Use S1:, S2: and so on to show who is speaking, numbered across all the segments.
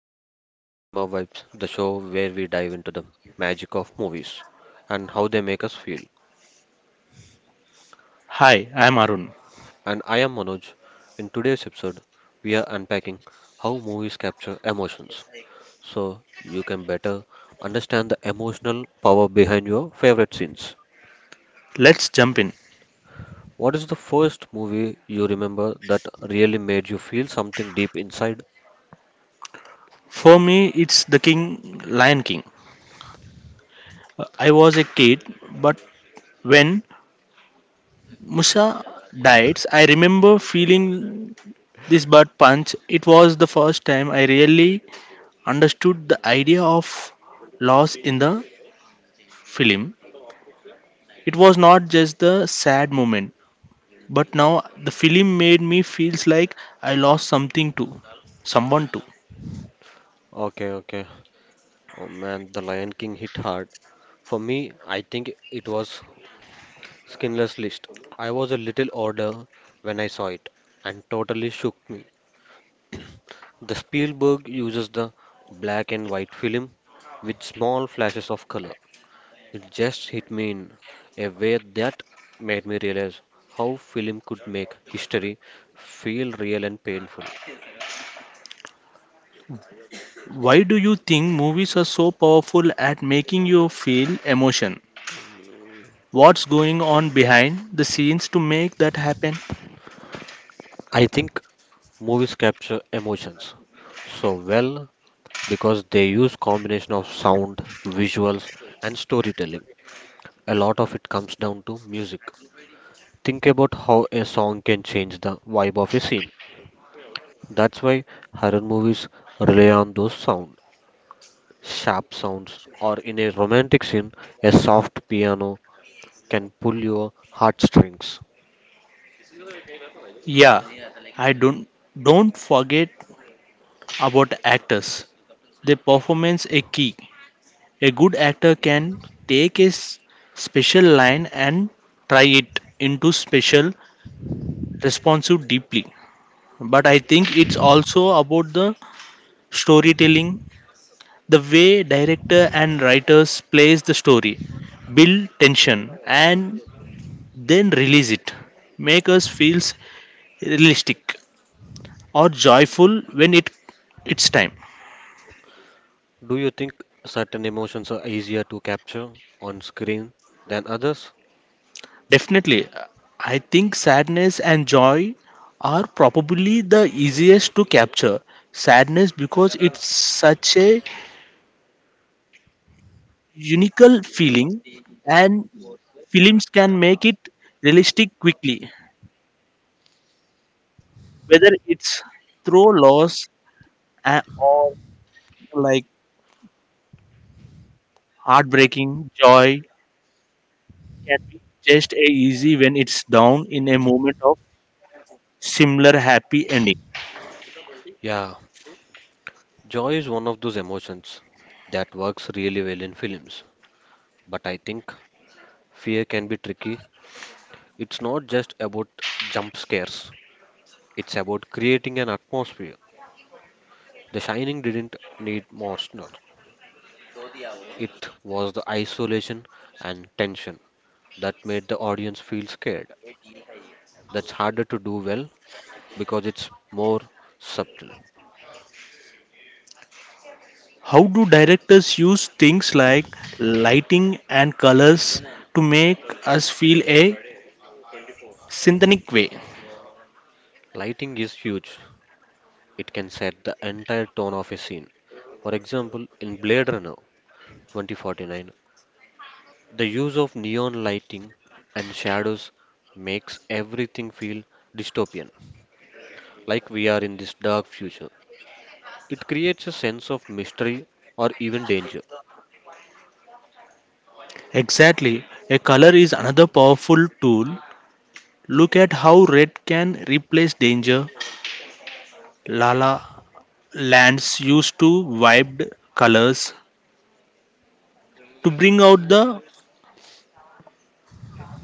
S1: you are listening to the Cinema Vibes, the show where we dive into the magic of movies and how they make us feel.
S2: Hi, I'm Arun.
S1: And I am Manoj. In today's episode, we are unpacking how movies capture emotions so you can better understand the emotional power behind your favorite scenes.
S2: Let's jump in.
S1: What is the first movie you remember that really made you feel something deep inside?
S2: For me, it's The King, Lion King. I was a kid, but when Musa died, I remember feeling this bird punch. It was the first time I really understood the idea of loss in the film. It was not just the sad moment, but now the film made me feels like I lost something too, someone too.
S1: Okay, okay. Oh man, The Lion King hit hard. For me, I think it was Skinless list. I was a little older when I saw it and totally shook me. The Spielberg uses the black and white film with small flashes of color. It just hit me in a way that made me realize how film could make history feel real and painful.
S2: Why do you think movies are so powerful at making you feel emotion? What's going on behind the scenes to make that happen.
S1: I think movies capture emotions so well because they use combination of sound, visuals and storytelling. A lot of it comes down to music. Think about how a song can change the vibe of a scene. That's why horror movies rely on those sound, sharp sounds, or in a romantic scene, a soft piano can pull your heartstrings.
S2: Yeah, I don't forget about actors. Their performance a key. A good actor can take a s- special line and try it into special responsive deeply. But I think it's also about the storytelling, the way director and writers plays the story, build tension and then release it, make us feels realistic or joyful when it's time.
S1: Do you think certain emotions are easier to capture on screen than others?
S2: Definitely, I think sadness and joy are probably the easiest to capture, sadness because it's such a unique feeling, and films can make it realistic quickly, whether it's through loss or like heartbreaking. Joy can be just as easy when it's down in a moment of similar happy ending.
S1: Yeah, joy is one of those emotions that works really well in films. But I think fear can be tricky. It's not just about jump scares, it's about creating an atmosphere. The Shining didn't need monsters. It was the isolation and tension that made the audience feel scared. That's harder to do well because it's more subtle.
S2: How do directors use things like lighting and colors to make us feel a synthetic way?
S1: Lighting is huge. It can set the entire tone of a scene. For example, in Blade Runner 2049, the use of neon lighting and shadows makes everything feel dystopian, like we are in this dark future. It creates a sense of mystery or even danger.
S2: Exactly. A color is another powerful tool. Look at how red can replace danger. Lala lands used to vibed colors to bring out the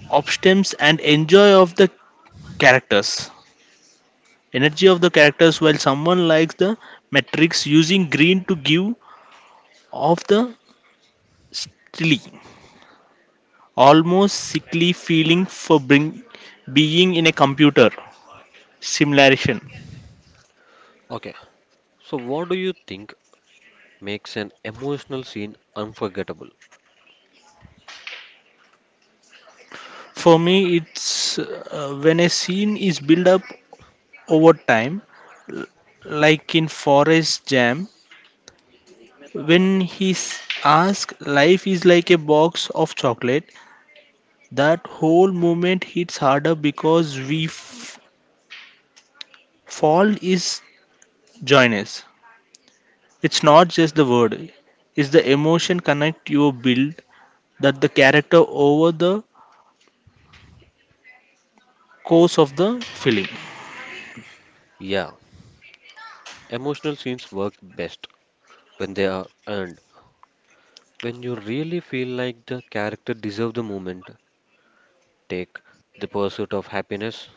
S2: optimism and enjoy of the characters. Energy of the characters while someone likes the matrix using green to give off the steely, almost sickly feeling for bring, being in a computer simulation.
S1: Okay, so, what do you think makes an emotional scene unforgettable?
S2: For me, it's when a scene is built up over time, l- like in Forest Jam, when he's asked, life is like a box of chocolate. That whole moment hits harder because fall is join us. It's not just the word; it's the emotion connect you build that the character over the course of the film.
S1: Yeah, emotional scenes work best when they are earned, when you really feel like the character deserves the moment. Take The Pursuit of Happiness,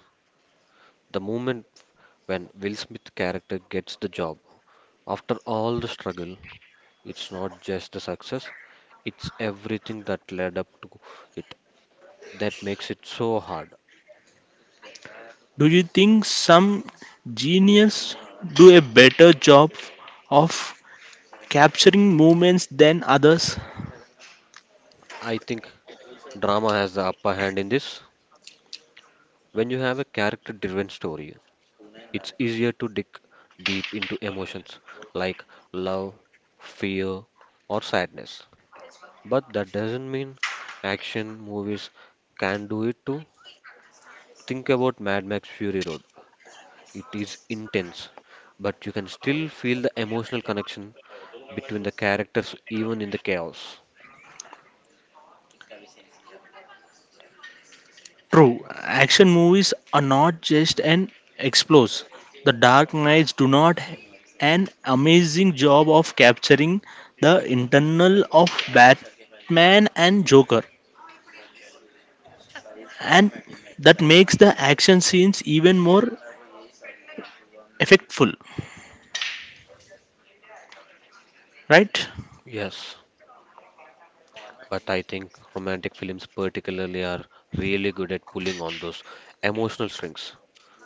S1: the moment when Will Smith character gets the job. After all the struggle, it's not just the success, it's everything that led up to it that makes it so hard.
S2: Do you think some genius do a better job of capturing moments than others?
S1: I think drama has the upper hand in this. When you have a character driven story, it's easier to dig deep into emotions like love, fear, or sadness. But that doesn't mean action movies can do it too. Think about Mad Max Fury Road. It is intense, but you can still feel the emotional connection between the characters even in the chaos.
S2: True, action movies are not just an explosive. The Dark Knights do not an amazing job of capturing the internal of Batman and Joker, and that makes the action scenes even more effectful, right?
S1: Yes, but I think romantic films particularly are really good at pulling on those emotional strings,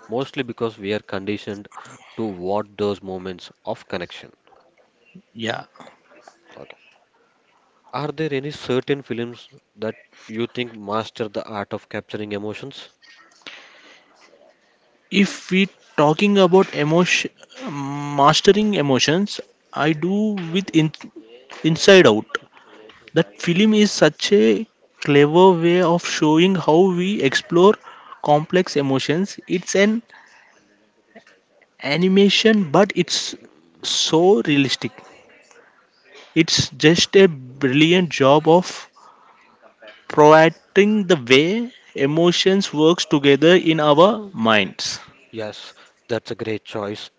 S1: mostly because we are conditioned to watch those moments of connection.
S2: Yeah.
S1: Okay. Are there any certain films that you think master the art of capturing emotions?
S2: If we talking about emotion, mastering emotions, I do with in, Inside Out. That film is such a clever way of showing how we explore complex emotions. It's an animation, but it's so realistic. It's just a brilliant job of providing the way emotions works together in our minds.
S1: Yes, that's a great choice.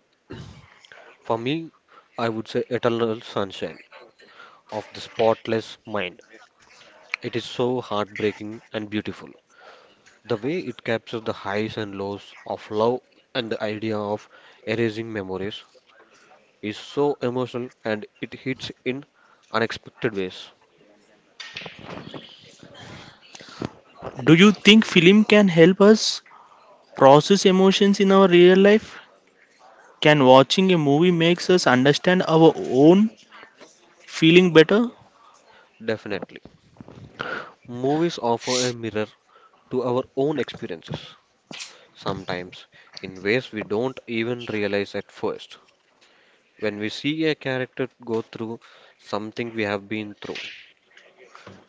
S1: For me, I would say Eternal Sunshine of the Spotless Mind. It is so heartbreaking and beautiful. The way it captures the highs and lows of love and the idea of erasing memories is so emotional and it hits in unexpected ways.
S2: Do you think film can help us process emotions in our real life? Can watching a movie makes us understand our own feeling better?
S1: Definitely. Movies offer a mirror to our own experiences, sometimes in ways we don't even realize at first. When we see a character go through something we have been through,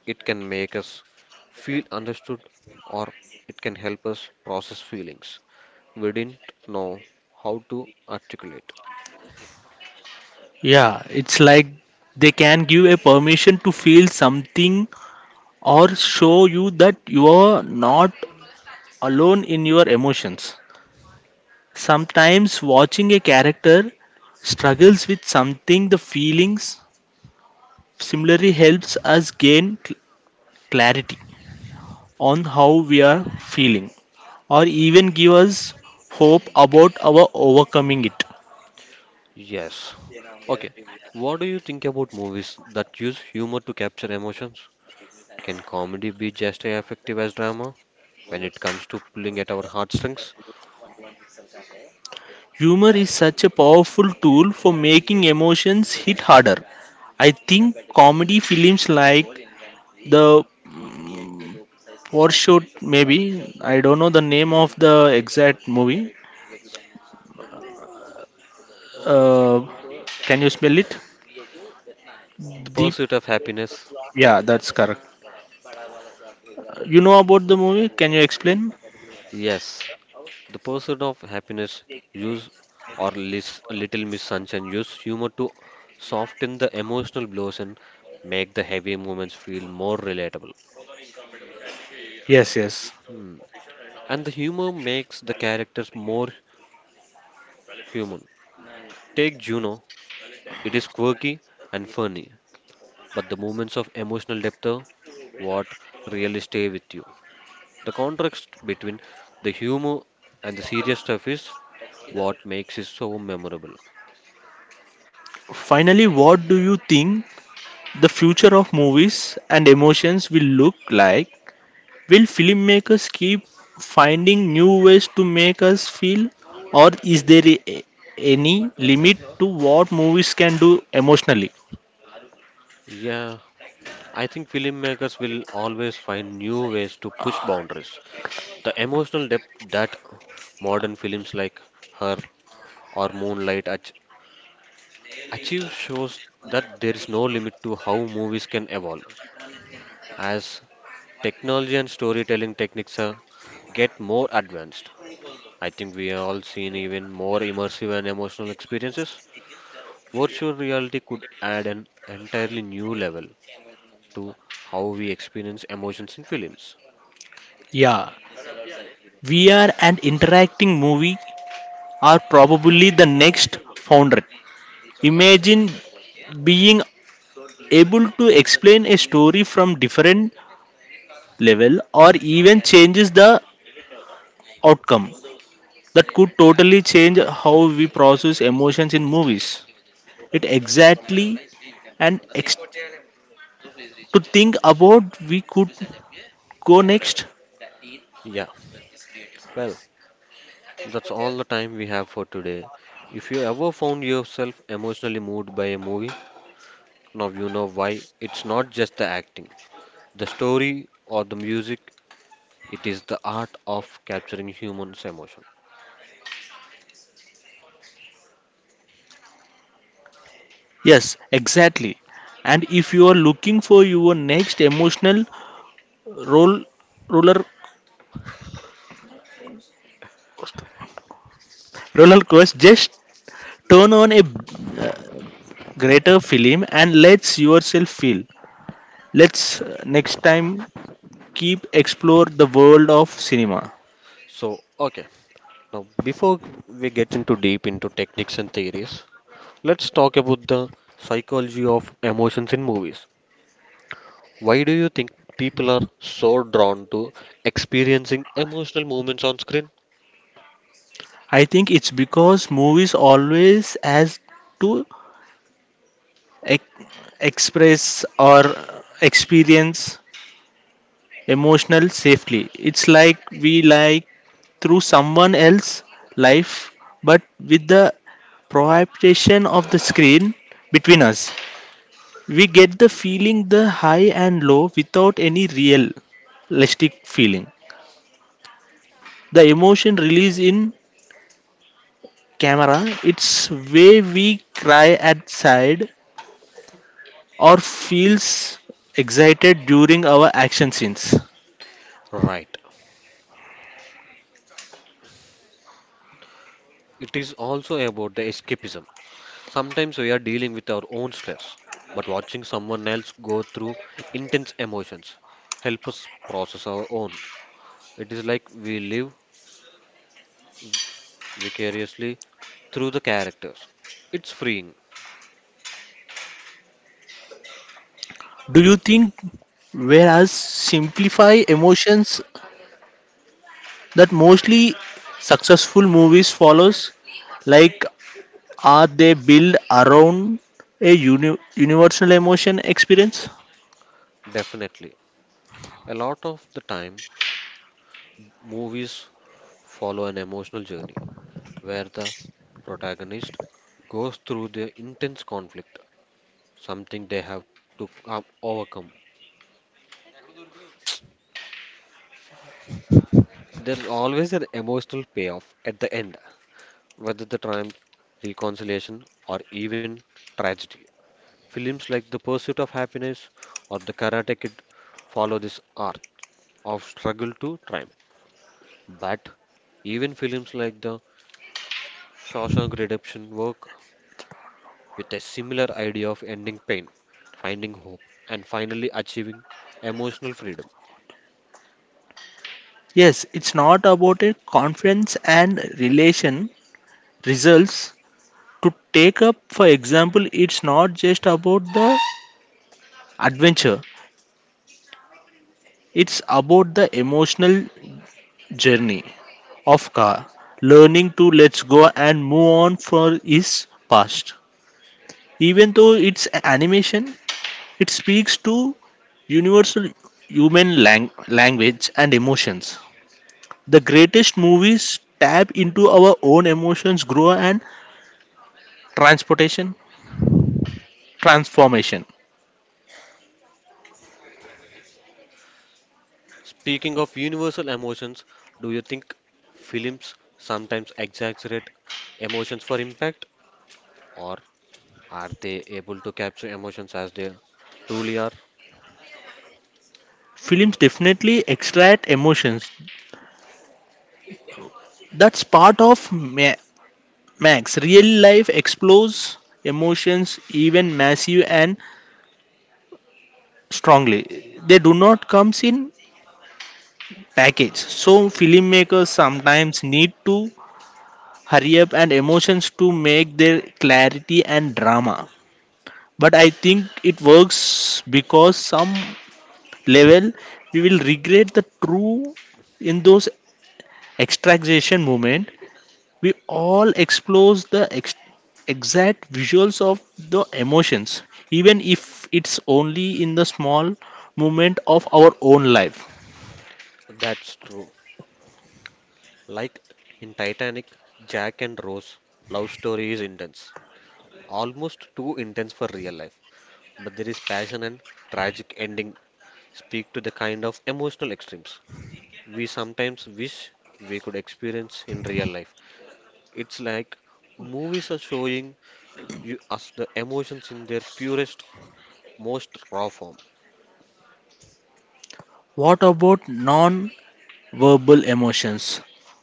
S1: it can make us feel understood or it can help us process feelings we didn't know how to articulate.
S2: Yeah, it's like they can give a permission to feel something or show you that you are not alone in your emotions. Sometimes watching a character struggles with something, the feelings similarly helps us gain clarity on how we are feeling, or even give us hope about our overcoming it.
S1: Yes. Okay. What do you think about movies that use humor to capture emotions? Can comedy be just as effective as drama? When it comes to pulling at our heartstrings,
S2: Humor is such a powerful tool for making emotions hit harder. I think comedy films like the war shoot maybe. I don't know the name of the exact movie. Uh, can you spell it?
S1: the
S2: Deep.
S1: pursuit of happiness,
S2: Yeah, that's correct. You know about the movie? Can you explain?
S1: yes, the pursuit of happiness use or little Miss Sunshine use humor to soften the emotional blows and make the heavy moments feel more relatable.
S2: Yes, yes.
S1: Hmm. And the humor makes the characters more human. Take Juno, it is quirky and funny, but the moments of emotional depth are what really stay with you. The contrast between the humor and the serious stuff is what makes it so memorable.
S2: Finally, what do you think the future of movies and emotions will look like? Will filmmakers keep finding new ways to make us feel, or is there any limit to what movies can do emotionally?
S1: Yeah, I think filmmakers will always find new ways to push boundaries. The emotional depth that modern films like Her or Moonlight achieve shows that there is no limit to how movies can evolve as technology and storytelling techniques are, get more advanced. I think we have all seen even more immersive and emotional experiences. Virtual reality could add an entirely new level to how we experience emotions in films.
S2: Yeah, VR and interacting movie are probably the next frontier. Imagine being able to explain a story from different level or even changes the outcome that could totally change how we process emotions in movies. It exactly and to think about we could go next.
S1: Yeah, well, that's all the time we have for today. If you ever found yourself emotionally moved by a movie, now you know why it's not just the acting, the story, or the music, it is the art of capturing humans' emotion.
S2: Yes, exactly. And if you are looking for your next emotional roll roller roller coaster, just turn on a greater film and let yourself feel. Let's next time keep explore the world of cinema.
S1: So, okay, now before we get into deep into techniques and theories, let's talk about the psychology of emotions in movies. Why do you think people are so drawn to experiencing emotional moments on screen?
S2: I think it's because movies always has to ex- express or experience emotional safely. It's like we like through someone else's life, but with the prohibition of the screen between us. We get the feeling the high and low without any realistic feeling. The emotion released in camera, it's way we cry at side or feels excited during our action scenes.
S1: Right. It is also about the escapism. Sometimes we are dealing with our own stress, but watching someone else go through intense emotions help us process our own. It is like we live vicariously through the characters. It's freeing,
S2: Do you think whereas simplify emotions that mostly successful movies follows, like are they build around a universal emotion experience.
S1: definitely. A lot of the time, movies follow an emotional journey, where the protagonist goes through the intense conflict, something they have to come, overcome. There is always an emotional payoff at the end, whether the triumph, reconciliation, or even tragedy. Films like The Pursuit of Happiness or The Karate Kid follow this arc of struggle to triumph. But even films like The Shawshank Redemption work with a similar idea of ending pain, finding hope, and finally achieving emotional freedom.
S2: Yes, it's not about a conference and relation results. To take up for example, it's not just about the adventure, it's about the emotional journey of Ofka, learning to let go and move on for his past. Even though it's animation, it speaks to universal human language and emotions. The greatest movies tap into our own emotions, growth, and transportation transformation.
S1: Speaking of universal emotions, do you think films sometimes exaggerate emotions for impact, or are they able to capture emotions as they truly are?
S2: Films definitely extract emotions. That's part of Ma- Max. Real life explores emotions even massive and strongly. They do not comes in package. So filmmakers sometimes need to hurry up and emotions to make their clarity and drama. But I think it works because some level we will regret the true in those extractation moment. We all explores the exact visuals of the emotions, even if it's only in the small moment of our own life.
S1: That's true. Like in Titanic, Jack and Rose love story is intense, almost too intense for real life, but there is passion and tragic ending speak to the kind of emotional extremes we sometimes wish we could experience in real life. It's like movies are showing you us the emotions in their purest, most raw form.
S2: What about non verbal emotions.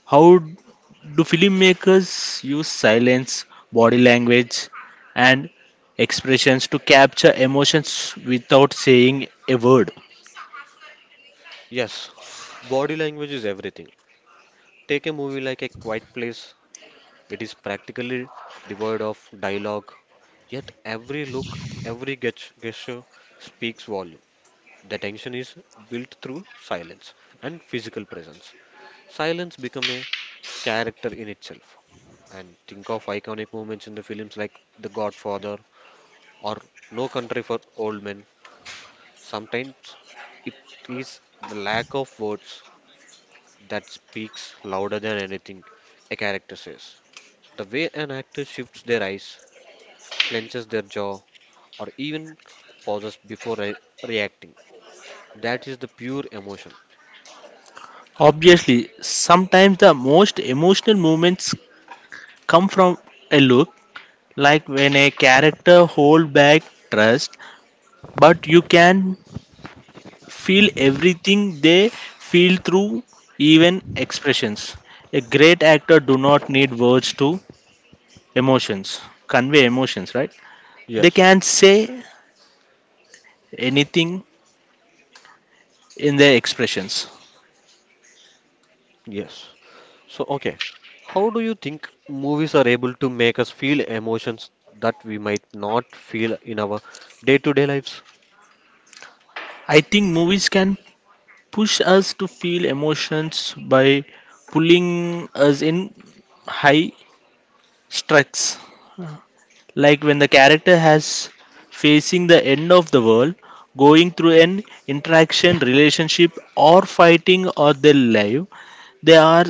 S2: How do filmmakers use silence, body language, and expressions to capture emotions without saying a word?
S1: Yes, body language is everything. Take a movie like A Quiet Place, it is practically devoid of dialogue, yet every look, every gesture speaks volume. The tension is built through silence and physical presence. Silence become a character in itself. And think of iconic moments in the films like The Godfather or No Country for Old Men. Sometimes it is the lack of words that speaks louder than anything a character says. The way an actor shifts their eyes, clenches their jaw, or even pauses before reacting. That is the pure emotion.
S2: Obviously, sometimes the most emotional moments come from a look, like when a character hold back trust, but you can feel everything they feel through even expressions. A great actor do not need words to emotions, convey emotions, right? They
S1: Yes,
S2: can say anything in their expressions.
S1: yes. So, okay, how do you think movies are able to make us feel emotions that we might not feel in our day-to-day lives?
S2: I think movies can push us to feel emotions by pulling us in high stress. Like when the character has facing the end of the world, going through an interaction, relationship, or fighting or their life, they are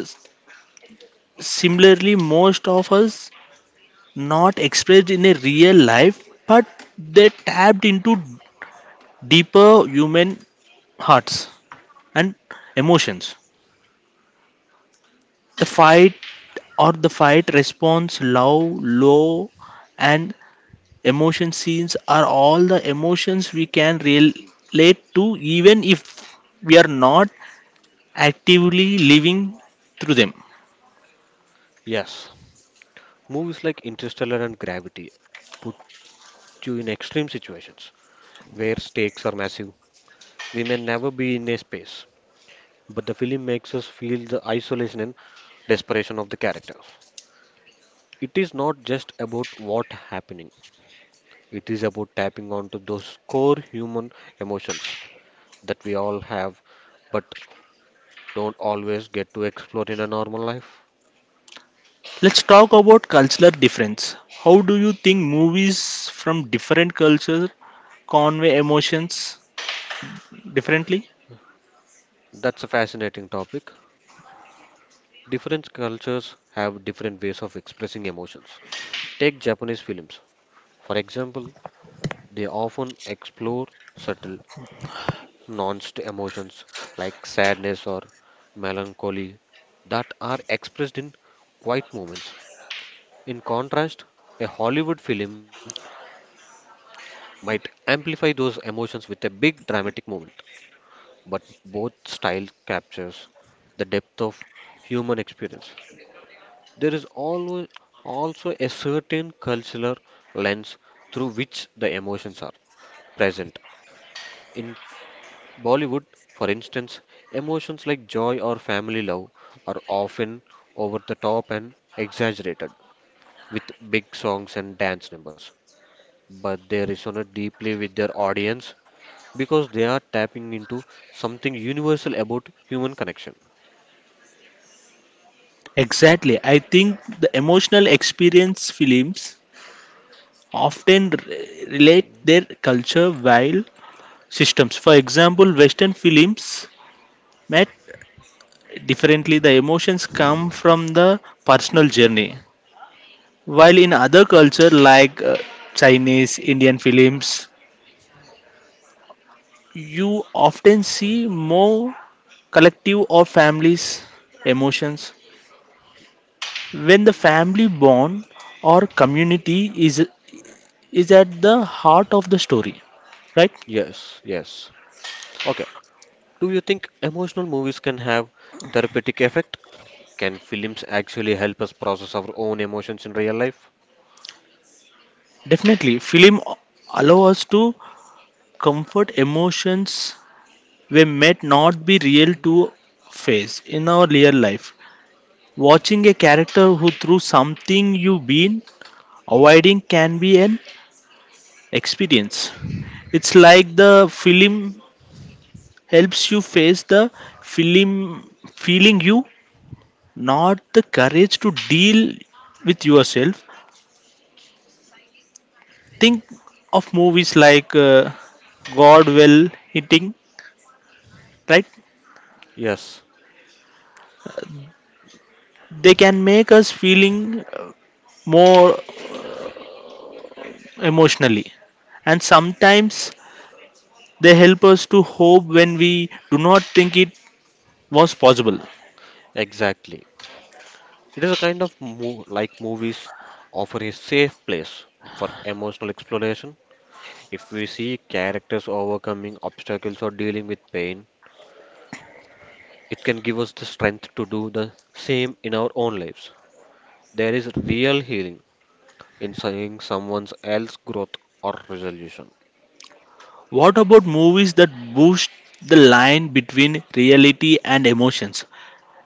S2: similarly most of us not expressed in a real life, but they tapped into deeper human hearts and emotions. The fight or the fight response, love, low, and emotion scenes are all the emotions we can relate to, even if we are not actively living through them.
S1: Yes, movies like Interstellar and Gravity put you in extreme situations where stakes are massive. We may never be in a space, but the film makes us feel the isolation and desperation of the characters. It is not just about what happening, it is about tapping onto those core human emotions that we all have but don't always get to explore in a normal life.
S2: Let's talk about cultural difference. How do you think movies from different cultures convey emotions differently?
S1: That's a fascinating topic. Different cultures have different ways of expressing emotions. Take Japanese films, for example, they often explore subtle, nuanced emotions like sadness or melancholy that are expressed in quiet moments. In contrast, a Hollywood film might amplify those emotions with a big dramatic moment, but both styles captures the depth of human experience. There is always also a certain cultural lens through which the emotions are present. In Bollywood, for instance, emotions like joy or family love are often over the top and exaggerated with big songs and dance numbers, but they resonate deeply with their audience because they are tapping into something universal about human connection.
S2: Exactly. I think the emotional experience films often relate their culture while systems. For example, Western films met differently. The emotions come from the personal journey. While in other culture like Chinese, Indian films, you often see more collective or families emotions. When the family bond or community is at the heart of the story, right?
S1: Yes, yes. Okay. Do you think emotional movies can have therapeutic effect? Can films actually help us process our own emotions in real life?
S2: Definitely, film allow us to comfort emotions we might not be real to face in our real life. Watching a character who through something you've been avoiding can be an experience. It's like the film helps you face the film feeling you not the courage to deal with yourself. Think of movies like God hitting, right?
S1: Yes,
S2: They can make us feeling uh, more emotionally, and sometimes they help us to hope when we do not think it was possible.
S1: exactly. It is a kind of mo like movies offer a safe place for emotional exploration. If we see characters overcoming obstacles or dealing with pain, it can give us the strength to do the same in our own lives. There is real healing in seeing someone else's growth or resolution.
S2: What about movies that boost the line between reality and emotions?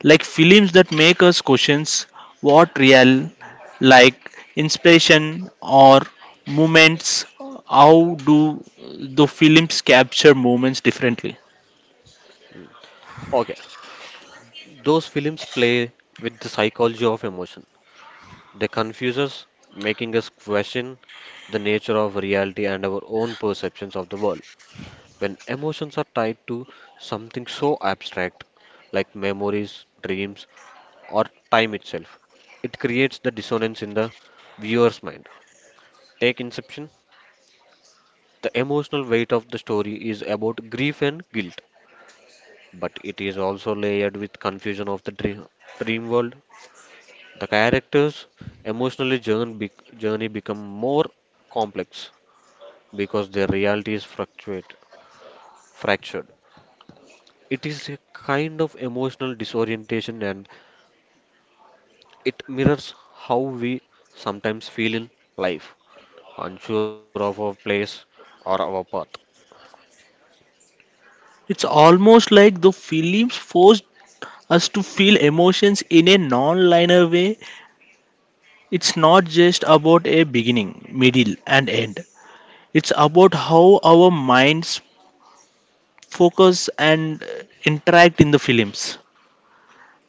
S2: Like films that make us questions what real, like inspiration or moments, how do the films capture moments differently?
S1: Okay, those films play with the psychology of emotion. They confuse us, making us question the nature of reality and our own perceptions of the world. When emotions are tied to something so abstract like memories, dreams, or time itself, it creates the dissonance in the viewer's mind. Take Inception. The emotional weight of the story is about grief and guilt, but it is also layered with confusion of the dream world. The characters' emotional journey, journey become more complex because their realities fluctuate, fractured. It is a kind of emotional disorientation and it mirrors how we sometimes feel in life, unsure of our place or our path.
S2: It's almost like the films force us to feel emotions in a non-linear way. It's not just about a beginning, middle, and end. It's about how our minds focus and interact in the films.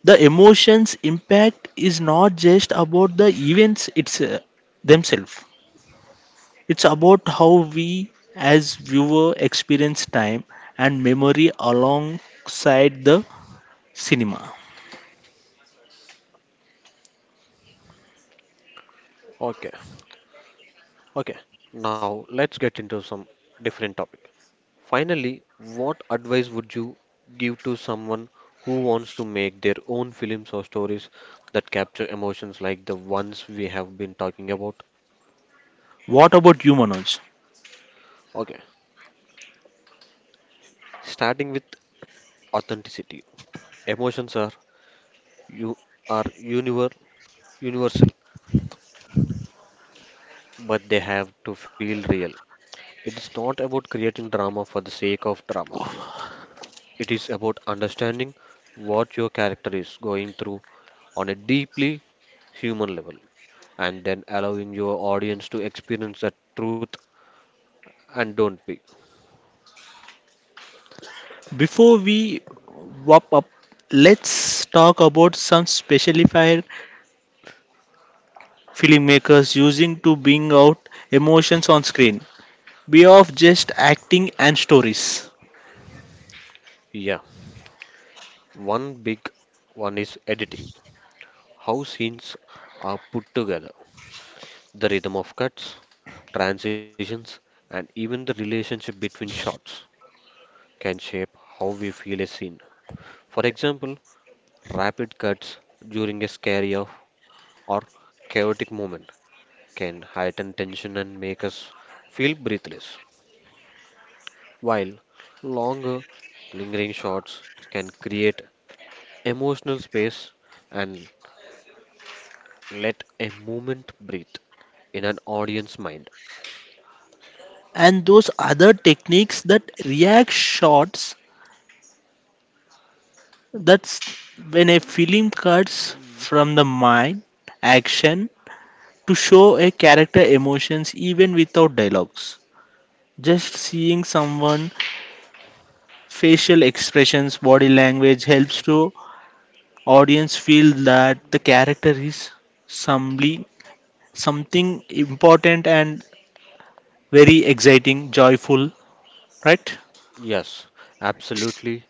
S2: The emotions impact is not just about the events it's themselves. It's about how we as viewer experience time and memory alongside the cinema.
S1: Okay, okay. Now let's get into some different topic. Finally, what advice would you give to someone who wants to make their own films or stories that capture emotions like the ones we have been talking about?
S2: What about you, Manoj?
S1: Okay, starting with authenticity. Emotions are you are universal, but they have to feel real. It is not about creating drama for the sake of drama. It is about understanding what your character is going through on a deeply human level, and then allowing your audience to experience the truth and don't be.
S2: Before we wrap up, let's talk about some specified filmmakers using to bring out emotions on screen beyond just acting and stories.
S1: Yeah, one big one is editing. How scenes are put together, the rhythm of cuts, transitions, and even the relationship between shots can shape how we feel a scene. For example, rapid cuts during a scary off or chaotic moment can heighten tension and make us feel breathless. While longer lingering shots can create emotional space and let a moment breathe in an audience mind.
S2: And those other techniques that react shots, that's when a film cuts from the mind action to show a character emotions even without dialogues, just seeing someone facial expressions body language helps to audience feel that the character is somebody something important and very exciting joyful, right?
S1: Yes, absolutely.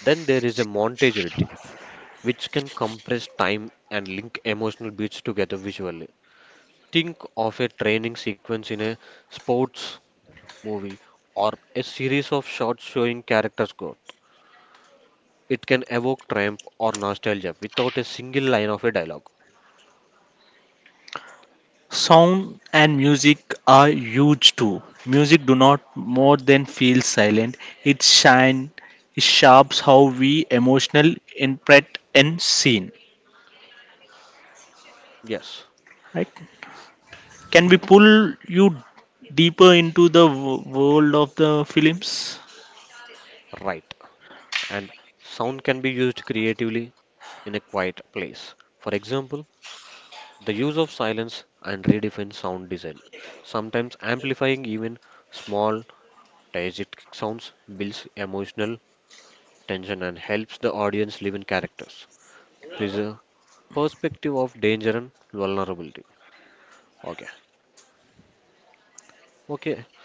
S1: Then there is a montage routine which can compress time and link emotional beats together visually. Think of a training sequence in a sports movie or a series of shots showing characters' growth. It can evoke triumph or nostalgia without a single line of a dialogue.
S2: Sound and music are huge too. Music do not more than feel silent. It shine, it sharps how we emotional interpret and scene.
S1: Yes.
S2: Right? Can we
S1: Hmm.
S2: pull you deeper into the world of the films?
S1: Right. And sound can be used creatively in a quiet place. For example, the use of silence and redefine sound design, sometimes amplifying even small diegetic sounds, builds emotional tension and helps the audience live in characters, preserve perspective of danger and vulnerability. Okay, okay,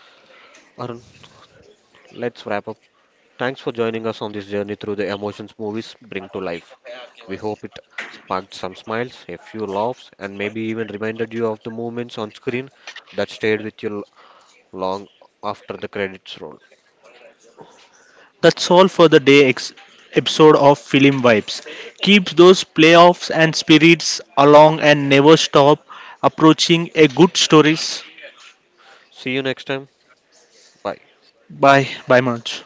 S1: Arun, let's wrap up. Thanks for joining us on this journey through the emotions movies bring to life. We hope it sparked some smiles, a few laughs, and maybe even reminded you of the moments on screen that stayed with you long after the credits roll.
S2: That's all for the day episode of Film Vibes. Keep those playoffs and spirits along and never stop approaching a good stories.
S1: See you next time. Bye.
S2: Bye, bye, much.